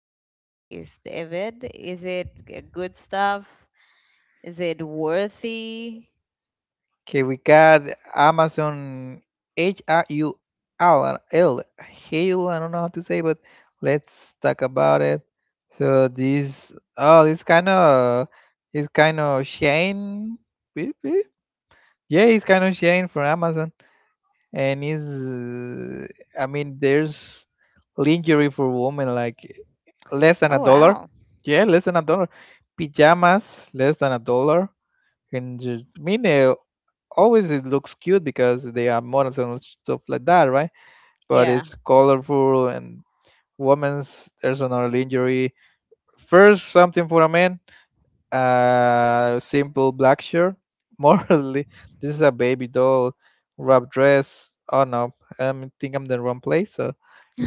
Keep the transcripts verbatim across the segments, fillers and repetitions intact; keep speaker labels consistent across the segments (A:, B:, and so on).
A: on that list, Evid? Is it g- good stuff? Is it worthy?
B: Okay, we got Amazon H A U L L Hale. I don't know how to say, but let's talk about it. So this, oh, this kind of, it's kind of Shane. Beep, beep. Yeah, it's kind of Shane from Amazon, and is, I mean, there's lingerie for women like less than a
A: Oh,
B: dollar.
A: wow.
B: Yeah, less than a dollar. Pajamas less than a dollar. And just- I mean, uh, always it looks cute because they are models and stuff like that, right? But
A: Yeah.
B: it's colorful and women's there's another lingerie. First, something for a man, uh, simple black shirt. Morally, this is a baby doll wrap dress. Oh no, I think I'm the wrong place. So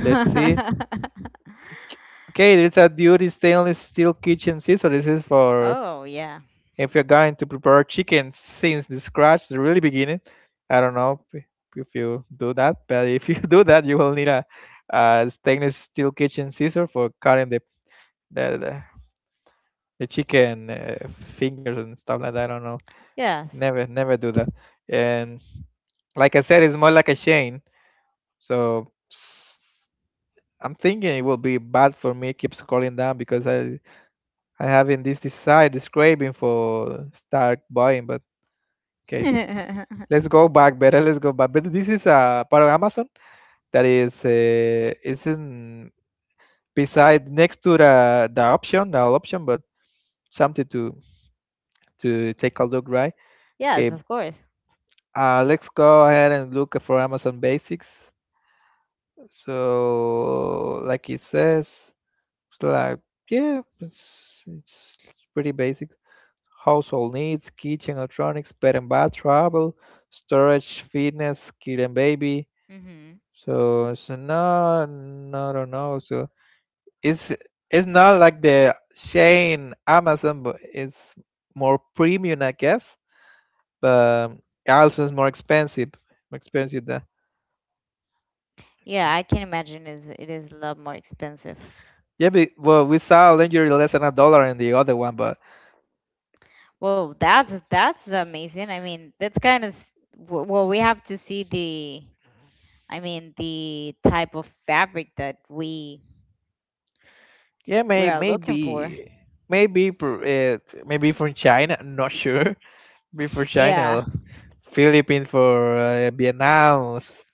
B: let's see. Okay, it's a duty stainless steel kitchen scissor. This is for
A: Oh, yeah.
B: if you're going to prepare chicken since the scratch, the really beginning, I don't know if if you do that, but if you do that, you will need a, a stainless steel kitchen scissor for cutting the the, the, the chicken uh, fingers and stuff like that. I don't know.
A: Yes.
B: Never, never do that. And like I said, it's more like a chain. So s- I'm thinking it will be bad for me. Keep scrolling down because I I having this desire, this craving for start buying. But okay, let's go back, better. Let's go back. But this is a part of Amazon that is uh, is in beside next to the the option, the option, but something to to take a look, right? Okay.
A: Yes, of course.
B: Uh, let's go ahead and look for Amazon Basics. So, like it says, it's like yeah, it's it's pretty basic. Household needs, kitchen electronics, pet and bath, travel, storage, fitness, kid and baby.
A: Hmm.
B: So, so now, no, no, no. So it's it's not like the Shane Amazon, but it's more premium, I guess. But also it's more expensive, more expensive than.
A: Yeah, I can imagine is it is a lot more expensive.
B: Yeah, but, well, we saw lingerie less than a dollar in the other one, but
A: Well, that's that's amazing. I mean, that's kind of w- well, we have to see the I mean, the type of fabric that we
B: yeah,
A: we
B: may,
A: are looking for.
B: maybe, maybe, pr- it, maybe from China. I'm not sure. Maybe for
A: Yeah.
B: China, Philippines, for uh, Vietnam, s-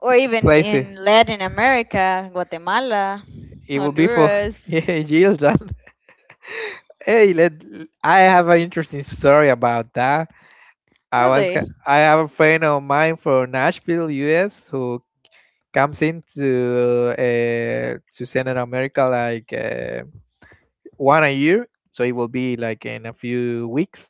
A: Or even
B: places.
A: in Latin America, Guatemala,
B: It will be for
A: Honduras.
B: yeah, years. Hey, let I have an interesting story about that. I was g-
A: Really?
B: I have a friend of mine from Nashville, U S, who comes into uh, to Central America like uh, one a year. So it will be like in a few weeks.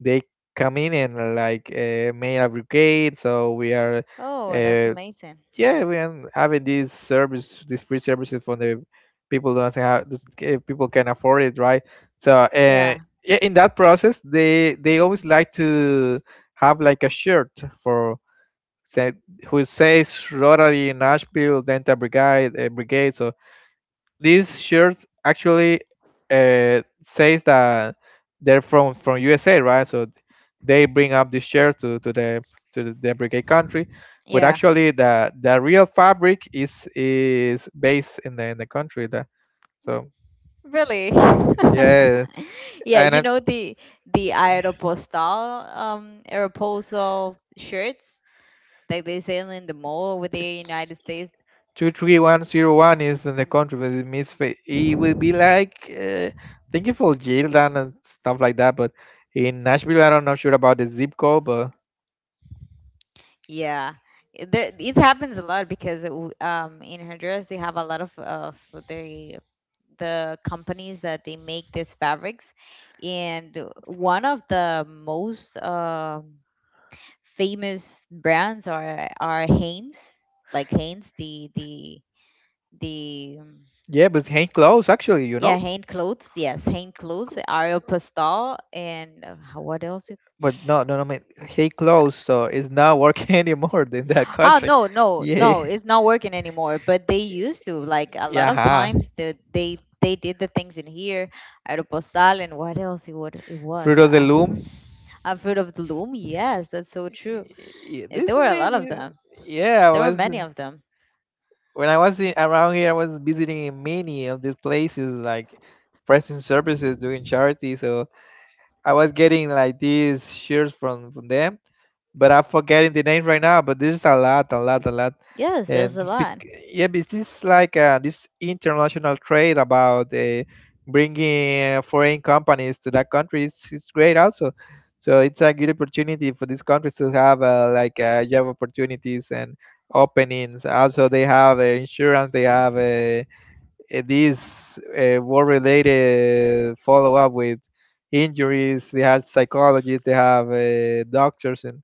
B: They come in and like uh, made a brigade. So we are
A: Oh, that's
B: uh,
A: amazing.
B: yeah, we are having these service, these free services for the people don't have, this- if people can afford it, right? So, uh,
A: Yeah,
B: yeah, in that process, they they always like to have like a shirt for say who says Rotary Nashville Dental Brigade, uh, Brigade, so these shirts actually uh, says that they're from from U S A, right? So they bring up the shirts to to the to the brigade country, but
A: yeah,
B: actually the the real fabric is is based in the in the country. That so
A: really.
B: yeah,
A: Yeah,
B: and
A: you
B: uh,
A: know the the Aeropostal, um Aeropostal shirts that they sell in the mall over there in United States.
B: two three one zero one is from the country, but it means fa- it will be like uh, thank you for Jordan and stuff like that, but. In Nashville, I don't know sure about the zip code, but
A: Yeah. It- There, it happens a lot because it w- um in Honduras they have a lot of of the the companies that they make these fabrics and one of the most um famous brands are are Hanes, like Hanes the the the um,
B: yeah, but it's hang close actually, you know.
A: yeah, Hanes clothes, yes, Hanes clothes, Aeropostale and uh, how- what else you-
B: But no, no, no, I he closed, so it's not working anymore in that
A: oh
B: country.
A: no, no,
B: Yeah,
A: no, it's not working anymore, but they used to, like, a lot
B: yeah,
A: of
B: huh.
A: times they they they did the things in here, Aeropostale, and what else it would it
B: Fruit
A: was
B: of the
A: I
B: Loom.
A: I've heard of the loom. Yes, that's so true.
B: Y-
A: Eh, There
B: This
A: were a lot of
B: many,
A: them.
B: yeah, I
A: There were
B: was
A: many of them.
B: when I was in, around here, I was visiting many of these places like pressing services, doing charity. So I was getting like these shirts from from them, but I'm forgetting the names right now. But there's a lot, a lot, a lot,
A: Yes, there's
B: and
A: a
B: this
A: lot.
B: bec- yeah, but this is like uh, this international trade about uh, bringing uh, foreign companies to that country. It's, it's great also. So it's a good opportunity for these countries to have uh, like uh, job opportunities and openings. Also, they have uh, insurance. They have uh, uh, this uh, war-related follow-up with injuries. They have psychologists, they have uh, doctors, and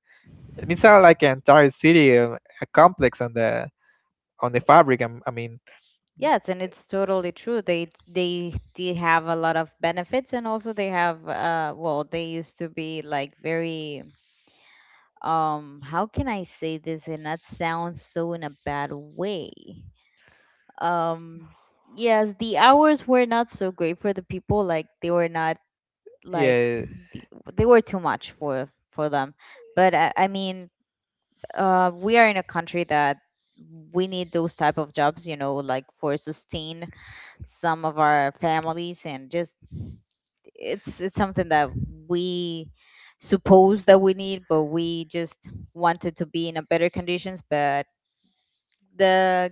B: it's not like an entire city, uh, a complex on the on the fabric. I'm- I mean,
A: Yes, and it's totally true. They they did have a lot of benefits, and also they have uh well, they used to be like very um how can I say this and not sound so in a bad way? Um yes, the hours were not so great for the people. Like they were not like
B: yeah,
A: the, they were too much for for them. But I, I mean uh, we are in a country that we need those type of jobs, you know, like for sustain some of our families, and just it's it's something that we suppose that we need, but we just wanted to be in a better conditions, but the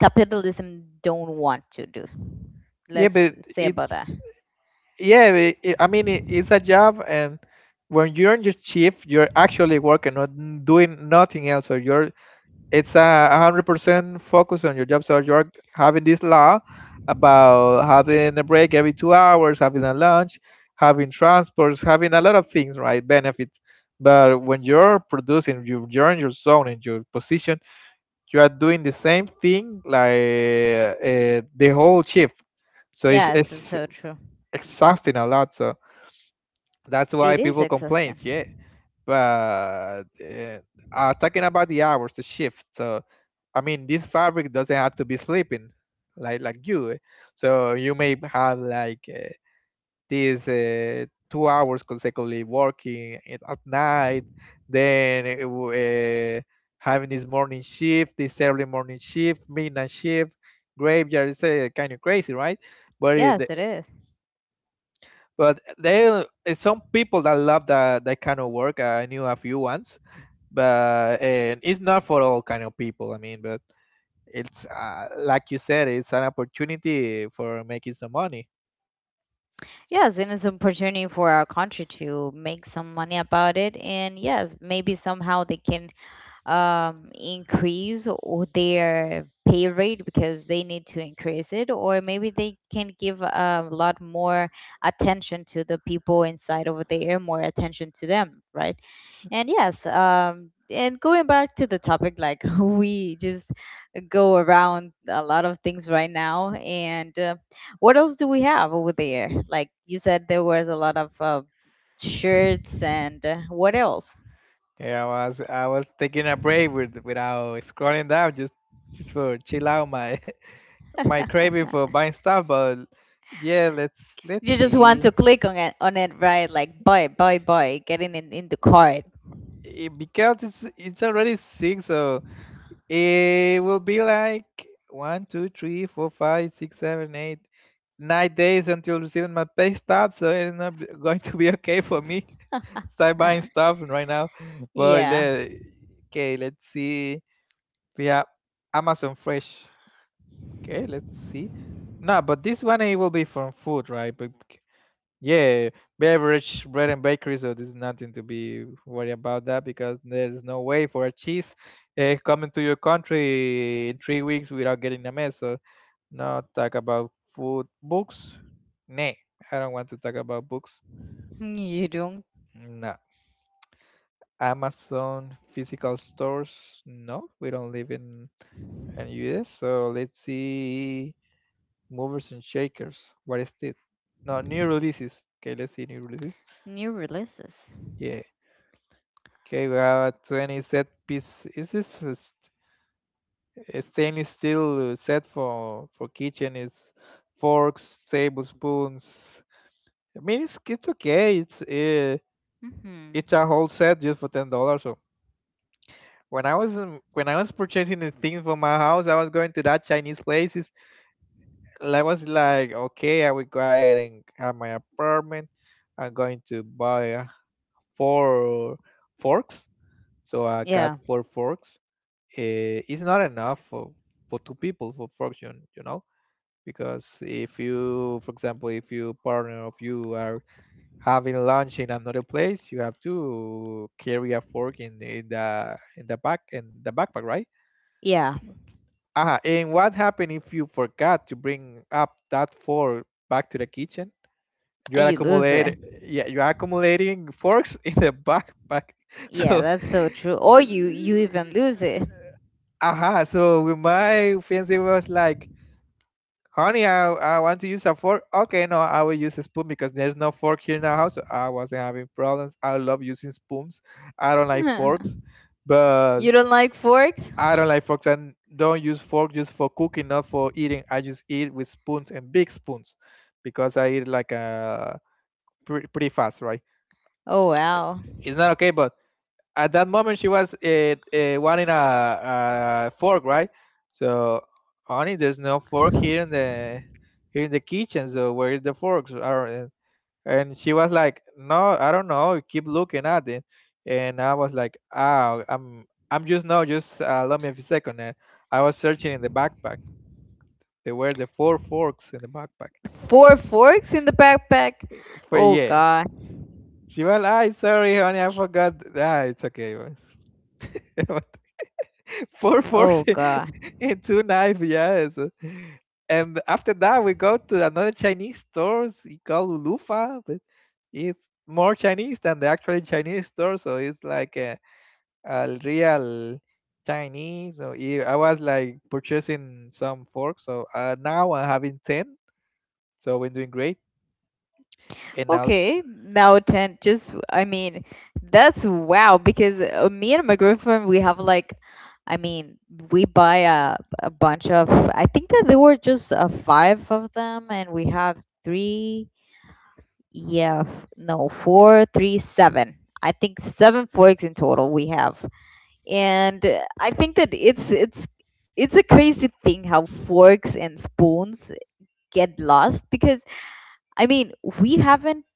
A: capitalism don't want to do.
B: yeah,
A: Let's
B: but
A: say about that.
B: it's yeah. i i I mean, it, it's a job, and when you're on your shift, you're actually working, not doing nothing else, or you're it's a hundred percent focus on your job. So you're having this law about having a break every two hours, having a lunch, having transports, having a lot of things, right? Benefits. But when you're producing, you- you're in your zone, in your position, you are doing the same thing like uh, the whole shift. So it's,
A: Yes, it's
B: it's
A: so true.
B: exhausting a lot. So that's why
A: It is
B: people complain. Yeah.
A: exhausting.
B: But uh, uh, talking about the hours, the shift. So, I mean, this fabric doesn't have to be sleeping, like like you. Eh. So you may have like uh, these uh, two hours consecutively working it at night, then it w- uh, having this morning shift, this early morning shift, midnight shift, graveyard. It's uh, kind of crazy, right? But it,
A: Yes, it is.
B: but there are some people that love that that kind of work. I knew a few ones but and it's not for all kind of people I mean but it's uh, like you said it's an opportunity for making some money
A: Yes, and it's an opportunity for our country to make some money about it. And yes, maybe somehow they can um, increase o- their pay rate because they need to increase it, or maybe they can give a lot more attention to the people inside over there, more attention to them, right? And yes, um, and going back to the topic, like we just go around a lot of things right now. And uh, what else do we have over there? Like you said, there was a lot of uh, shirts and uh, what else?
B: yeah i was i was taking a break with, without scrolling down just just for chill out my my craving for buying stuff but yeah let's let's
A: You just want
B: see
A: to click on it, on it, right? Like buy, buy, buy, getting in in the cart.
B: it, because it's it's already six so it will be like one two three four five six seven eight nine days until receiving my pay stub, so it's not b- going to be okay for me. Start buying
A: Uh,
B: stuff right now. But
A: yeah,
B: let, okay, let's see. We have Amazon Fresh. Okay, let's see. No, but this one it will be from food, right? Yeah, beverage, bread and bakery, so there's nothing to be worried about that because there's no way for a cheese uh, coming to your country in three weeks without getting a mess. So not talk about food. Books? Nah, I don't want to talk about books.
A: you don't.
B: No. Amazon physical stores? No, we don't live in in U S. So let's see movers and shakers. What is it? No, new releases. Okay, let's see new releases.
A: New releases.
B: Yeah, okay, we have a twenty set piece. Is this a st- a stainless steel set for for kitchen? Is forks, tablespoons. I mean, it's it's okay. It's uh,
A: Hmm.
B: it's a whole set just for ten dollars. So when I was um, when I was purchasing the things for my house, I was going to that Chinese places. And I was like, okay, I will go ahead and have my apartment. I'm going to buy uh, four forks. So I got
A: Yeah,
B: four forks eh, is not enough for, for two people for fortune, you know, because if you for example if you partner of you are having lunch in another place you have to carry a fork in, in the in the back in the backpack right?
A: yeah,
B: Ah, and what happened if you forgot to bring up that fork back to the kitchen, you are
A: you lose it.
B: accumulate yeah you are accumulating forks in the backpack
A: Yeah,
B: so
A: that's so true. Or you you even lose it.
B: aha so with my fiance was like, "Honey, I, I want to use a fork." Okay, no, I will use a spoon because there's no fork here in the house. So I wasn't having problems. I love using spoons. I don't like
A: You
B: forks, but
A: don't like forks?
B: I don't like forks and don't use fork just for cooking, not for eating. I just eat with spoons and big spoons because I eat like a pretty, pretty fast, right?
A: Oh, wow.
B: It's not okay, but at that moment she was uh, uh, wanting a, a fork, right? So, honey, there's no fork here in the here in the kitchen. So where is the forks? Are- And and she was like, no, I don't know. Keep looking at it. And I was like, ah, I'm I'm just no, just uh, let me a second." And I was searching in the backpack. There were the four forks in the backpack.
A: Four forks in the backpack?
B: For
A: Oh
B: yeah,
A: God.
B: she was. I sorry, honey, I forgot. Ah, it's okay. What four forks
A: Oh God.
B: and two knives, yes. And after that, we go to another Chinese store. It's called Lulufa, but it's more Chinese than the actual Chinese store, so it's like a, a real Chinese. So i I was like purchasing some forks, so uh, now I'm having ten, so we're doing great. And also,
A: Okay, now ten. Just, I mean, that's wow because uh, me and my girlfriend, we have like, I mean, we buy a, a bunch of, I think that there were just uh, five of them and we have three, yeah, f- no, four, three, seven. I think seven forks in total we have. And uh, I think that it's, it's, it's a crazy thing how forks and spoons get lost because I mean we haven't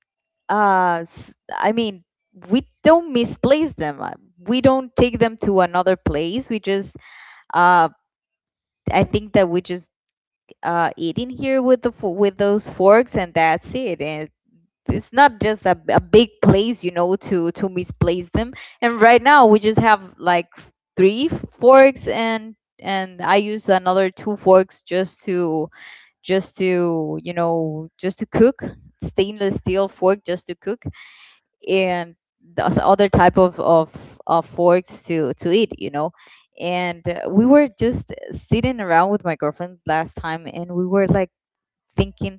A: uh s- I mean we don't misplace them. Uh, We don't take them to another place. We just uh I think that we just uh eat in here with the fo- with those forks and that's it. And it's not just a, a big place, you know, to to misplace them. And right now we just have like three forks, and and I use another two forks just to just to, you know, just to cook, stainless steel fork, just to cook and the s- other type of of, of forks to to eat, you know. And uh, we were just sitting around with my girlfriend last time, and we were like thinking,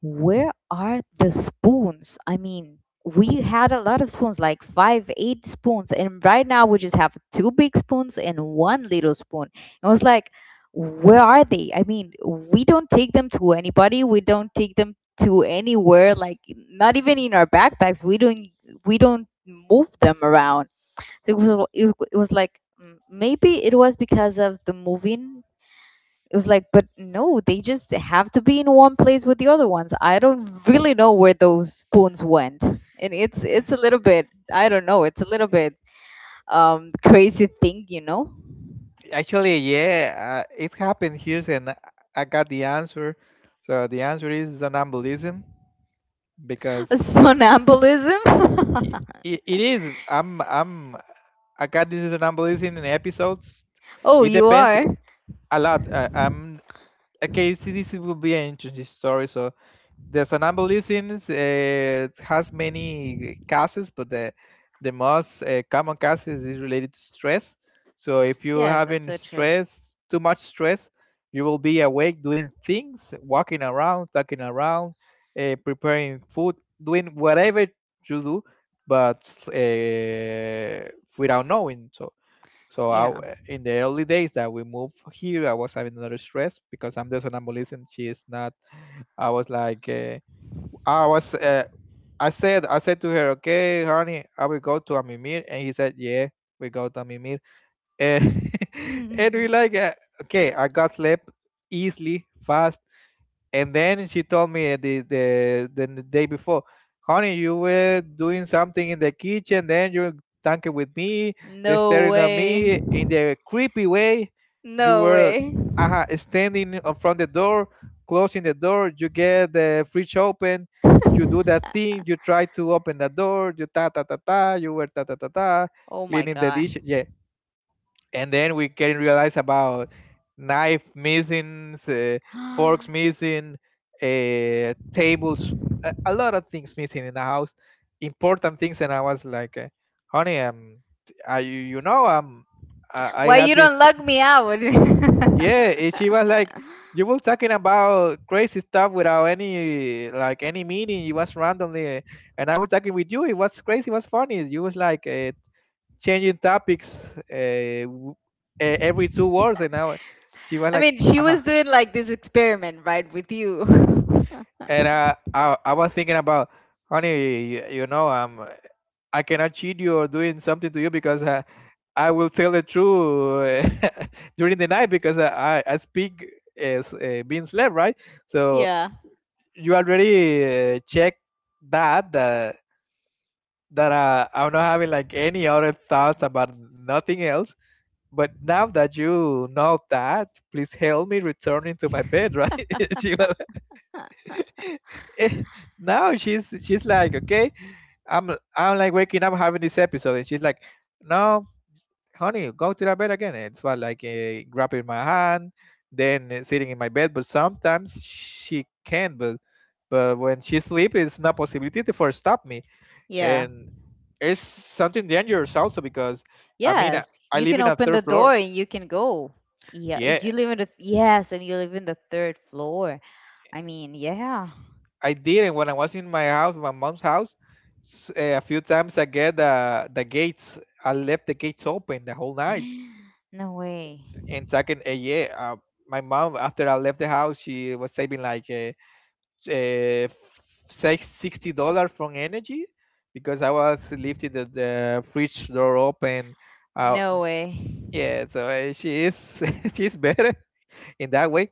A: where are the spoons? I mean, we had a lot of spoons, like five, eight spoons, and right now we just have two big spoons and one little spoon. I was like, where are they? I mean, we don't take them to anybody. We don't take them to anywhere. Like, not even in our backpacks. We don't. We don't move them around. So it was, it, it was like mm, maybe it was because of the moving. It was like, but no, they just have to be in one place with the other ones. I don't really know where those spoons went. And it's it's a little bit, I don't know, it's a little bit um crazy thing, you know?
B: actually, yeah, uh, it happened here, and I I got the answer. So the answer is somnambulism because
A: Somnambulism.
B: I I it is. I'm I'm I got this and I'm releasing in episodes.
A: Oh,
B: It
A: you
B: depends
A: are?
B: a lot. I, I'm okay. See, this will be an interesting story. So the somnambulism uh, has many causes, but the the most uh, common causes is related to stress. So if you
A: Yes, that's
B: having
A: so true.
B: stress, too much stress, you will be awake doing things, walking around, talking around, uh, preparing food, doing whatever you do, but uh, without knowing. So so
A: Yeah.
B: I, in the early days that we moved here, I was having another stress because I'm the somnambulism. She is not. I was like. Uh, Ah, I was uh, I said I said to her, okay, honey, I will go to Amimir, and he said, yeah, we go to Amimir, and and we
A: No
B: like, uh, okay, I got sleep easily, fast, and then she told me the the the, n- day before. Honey, you were doing something in the kitchen, then you were talking with me, staring at
A: way.
B: me in the creepy way, you
A: No
B: were
A: way.
B: uh, standing in front the door, closing the door, you get the fridge open, you do that thing, you try to open the door, you ta ta ta ta, you were ta ta ta ta,
A: Oh my
B: cleaning the
A: god.
B: dish, yeah, and then we can realize about knife missing, uh, forks missing, uh, tables, a, a lot of things missing in the house, important things. And I was like, uh, "Honey, um, I, you know, um, I, I
A: Why
B: got
A: you
B: this."
A: don't lug me out?
B: Yeah, and she was like, "You were talking about crazy stuff without any like any meaning. It was randomly, uh, and I was talking with you. It was crazy. It was funny. You was like." Uh, changing topics, uh, w- e- every two words, and now she was
A: I
B: like,
A: mean, she
B: "Uh-huh."
A: was doing like this experiment, right, with you.
B: And I, I, I was thinking about, honey, you, you know, um, I cannot cheat you or doing something to you because uh, I will tell the truth uh, during the night because uh, I, I speak as uh, being slave, right? So
A: Yeah.
B: you already uh, check that that that uh, I'm not having like any other thoughts about nothing else. But now that you know that, please help me returning to my bed, right? She was like, now she's she's like, okay, I'm I'm like waking up having this episode, and she's like, no, honey, go to the bed again. And it's what like uh, grabbing my hand, then uh, sitting in my bed. But sometimes she can, but but when she sleep, it's not possibility to for stop me,
A: Yeah.
B: and it's something dangerous also because I mean I,
A: Yes,
B: I
A: you
B: live
A: can
B: in a
A: open
B: third
A: the door
B: floor.
A: and you can go. Yeah, you
B: Yeah,
A: live in the yes, and you live in the third floor. I mean, yeah.
B: I didn't when I was in my house, my mom's house. s- eh, A few times I get the the gates. I left the gates open the whole night.
A: No way.
B: And second, uh, yeah, uh, my mom, after I left the house, she was saving like uh, uh, six sixty dollars from energy because I was lifting the, the fridge door open. Uh,
A: No way.
B: yeah, so uh, she is she's better in that way.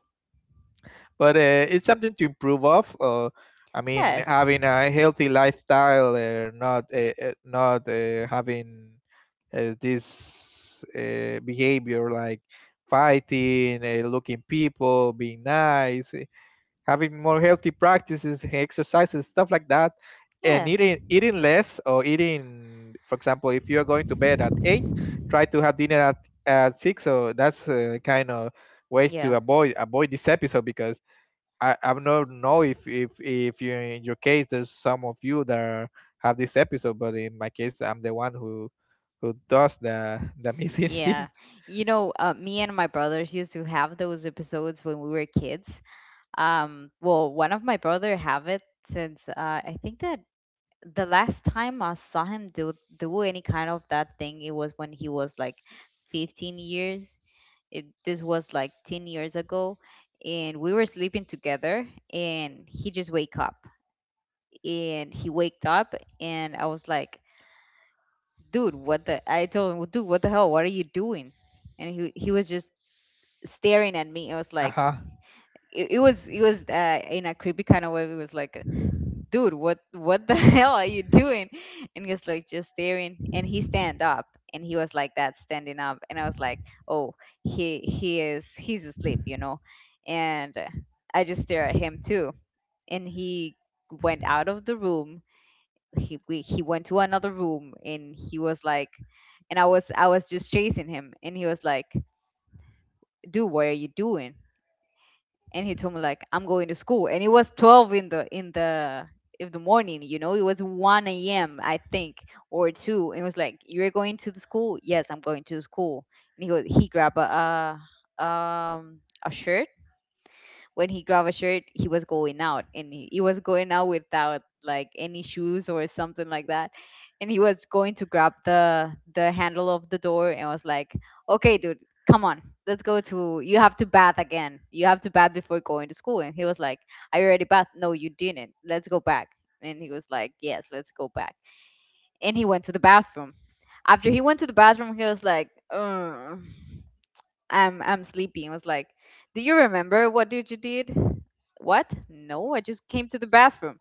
B: But uh, it's something to improve of. Uh, I mean,
A: Yes.
B: having a healthy lifestyle, uh, not uh, uh, not uh, having uh, this uh, behavior like fighting, uh, looking people, being nice, eh, having more healthy practices, exercises, stuff like that, and
A: Yes.
B: eating eating less or eating. For example, if you are going to bed at eight, try to have dinner at at six. So that's uh, kind of ways to
A: Yeah.
B: avoid avoid this episode because I I don't know if if if you in your case there's some of you that are, have this episode, but in my case I'm the one who who does the the missing
A: Yeah.
B: things.
A: You know, uh, me and my brothers used to have those episodes when we were kids. Um, well, one of my brother have it since uh, I think that the last time I saw him do do any kind of that thing, it was when he was like fifteen years. It, this was like ten years ago, and we were sleeping together, and he just wake up, and he waked up, and I was like, "Dude, what the?" I told him, "Dude, what the hell? What are you doing?" And he he was just staring at me. I was
B: Uh
A: like,
B: huh.
A: it, it was, it was uh, in a creepy kind of way. It was like, dude, what what the hell are you doing? And he was like just staring, and he stand up, and he was like that standing up, and I was like, oh, he he is he's asleep, you know, and uh, I just stare at him too, and he went out of the room. He we, he went to another room, and he was like, and I was I was just chasing him, and he was like, dude, what are you doing? And he told me like, I'm going to school, and it was twelve in the in the in the morning, you know, it was one a.m., I think, or two. It was like, you're going to the school? Yes, I'm going to the school. And he goes, he grabbed a uh, um a shirt. When he grabbed a shirt, he was going out, and he, he was going out without like any shoes or something like that. And he was going to grab the the handle of the door, and was like, "Okay, dude, come on. Let's go to you have to bath again. You have to bath before going to school." And he was like, "I already bathed." "No, you didn't. Let's go back." And he was like, "Yes, let's go back." And he went to the bathroom. After he went to the bathroom, he was like, "Ugh, I'm I'm sleepy," and was like, do you remember what did you did? What? No, I just came to the bathroom.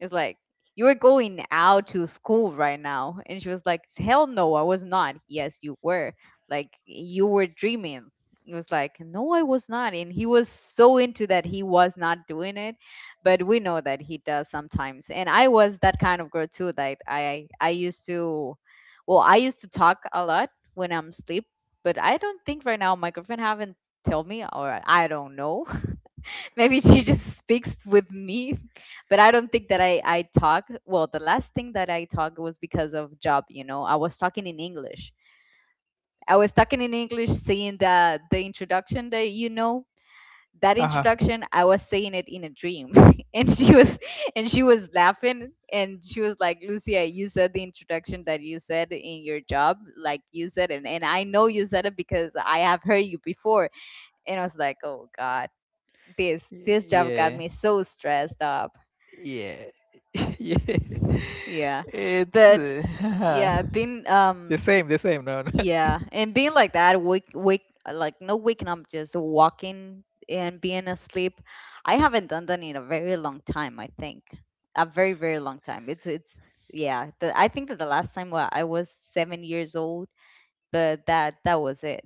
A: It's like, you were going out to school right now. And she was like, hell no, I was not. Yes, you were. Like, you were dreaming. It was like, no, I was not. And he was so into that he was not doing it. But we know that he does sometimes. And I was that kind of girl too. Like, I, I used to, well, I used to talk a lot when I'm asleep. But I don't think right now my girlfriend haven't told me, or I don't know. Maybe she just speaks with me, but I don't think that i I talk. Well, the last thing that I talk was because of job, you know, I was talking in English. I was talking in English saying the the introduction that, you know, that
B: Uh huh.
A: introduction I was saying it in a dream. And she was and she was laughing, and she was like, Lucia, you said the introduction that you said in your job, like you said, and, and I know you said it because I have heard you before. And I was like, oh god, this this job got
B: Yeah.
A: me so stressed up.
B: Yeah. Yeah.
A: Yeah,
B: It's
A: but
B: uh,
A: yeah, being
B: the
A: um
B: same. The same. No, no.
A: yeah, and being like that, wake wake, like no, waking up, just walking and being asleep. I haven't done that in a very long time, I think, a very very long time. it's it's yeah, the, I think that the last time wa- I was seven years old, but that that was it.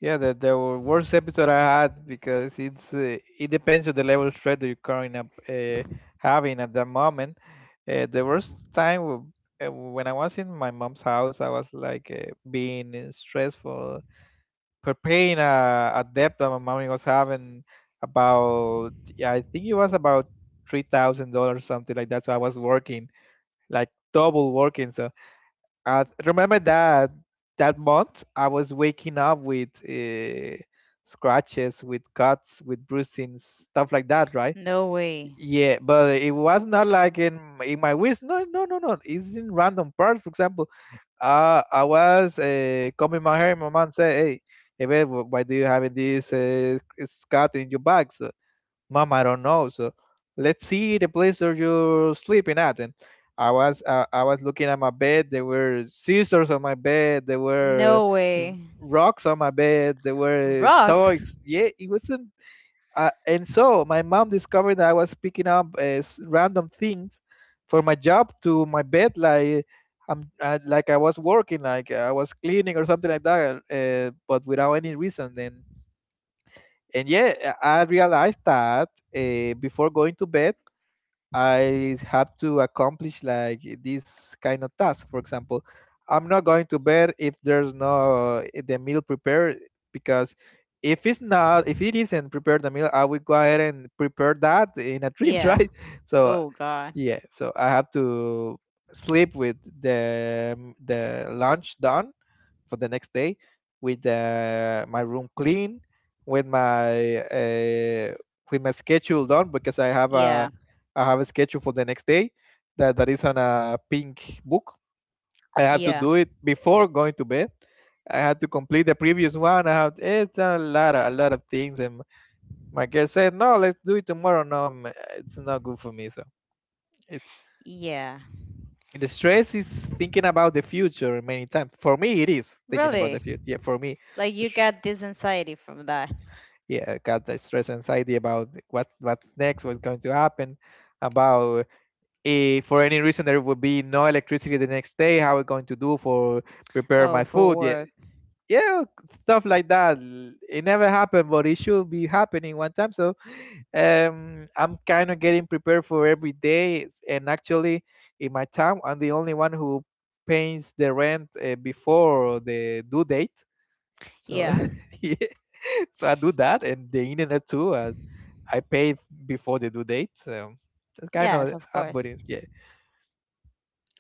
B: Yeah, the, the worst episode I had because it's uh, it depends on the level of stress that you're currently up, uh, having at that moment. Uh, the worst time w- uh, when I was in my mom's house, I was like uh, being uh, stressful, preparing a, a debt that my mom was having about, yeah, I think it was about three thousand dollars, something like that. So I was working like double working, so I remember that that month I was waking up with uh, scratches, with cuts, with bruisings, stuff like that, right?
A: No way.
B: Yeah, but it was not like in in my wish. No, no, no, no. It's in random parts. For example, uh, I was uh, combing my hair. My mom said, "Hey, hey, babe, wh- why do you have this uh, scat in your back?" So, Mom, I don't know. So let's see the place where you're sleeping at. And I was uh, I was looking at my bed. There were scissors on my bed. There were
A: No
B: r-
A: way.
B: rocks on my bed. There were
A: Rocks.
B: toys. Yeah, it wasn't. Uh, and so my mom discovered that I was picking up uh, s- random things for my job to my bed, like I'm uh, like I was working, like uh, I was cleaning or something like that, uh, but without any reason. And and yeah, I I realized that uh, before going to bed, I have to accomplish like this kind of task. For example, I'm not going to bed if there's no eh, the meal prepared because if it's not, if it isn't prepared the meal, I will go ahead and prepare that in a dream,
A: Yeah.
B: right? So
A: Oh god.
B: yeah, so I have to sleep with the the lunch done for the next day, with uh, my room clean, with my uh, with my schedule done because I have
A: Yeah.
B: a I have a schedule for the next day that that is on a pink book. I have to
A: Yeah.
B: do it before going to bed. I had to complete the previous one. I have It's a lot of, a lot of things, and my girl said, "No, let's do it tomorrow." No, ma- it's not good for me. So. It.
A: Yeah,
B: The stress is thinking about the future many times. For me, it is thinking about
A: really.
B: the future. Yeah, for me,
A: Like
B: the
A: you
B: str-
A: got this anxiety from that.
B: yeah, I got the stress anxiety about what's what's next, what's going to happen, about if for any reason there would be no electricity the next day, how we going to do for prepare
A: Oh,
B: my
A: for
B: food. Yeah,
A: work.
B: yeah, stuff like that. It never happened, but it should be happening one time. So um, I'm kind of getting prepared for every day, s- and actually, in my town, I'm the only one who pays the rent uh, before the due date. So,
A: Yeah.
B: yeah, so I do that, and the internet too. Uh, I pay before the due date. Um, that's kind
A: Yes,
B: of
A: of
B: uh,
A: course.
B: but it- yeah,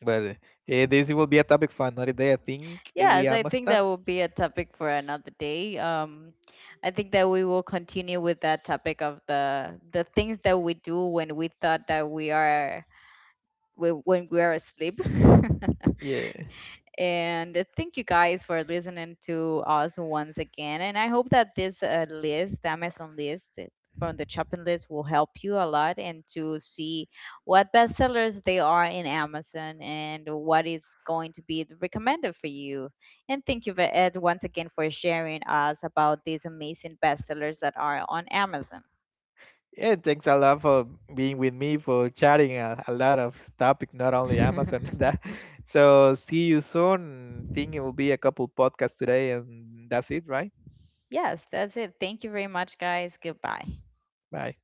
B: but uh, eh, this will be a topic for another day. I think we
A: Yes, I
B: almost
A: think that
B: done.
A: will be a topic for another day. Um, I think that we will continue with that topic of the the things that we do when we thought that we are when when we are asleep.
B: Yeah.
A: And thank you guys for listening to us once again. And I hope that this uh, list, the Amazon list uh, from the shopping list, will help you a lot and to see what bestsellers they are in Amazon and what is going to be the recommended for you. And thank you, ve- Ed, once again for sharing us about these amazing bestsellers that are on Amazon.
B: Yeah, thanks a lot for being with me for chatting a, a lot of topic, not only Amazon. That so see you soon. Think it will be a couple podcasts today, and that's it, right?
A: Yes, that's it. Thank you very much, guys. Goodbye.
B: Bye.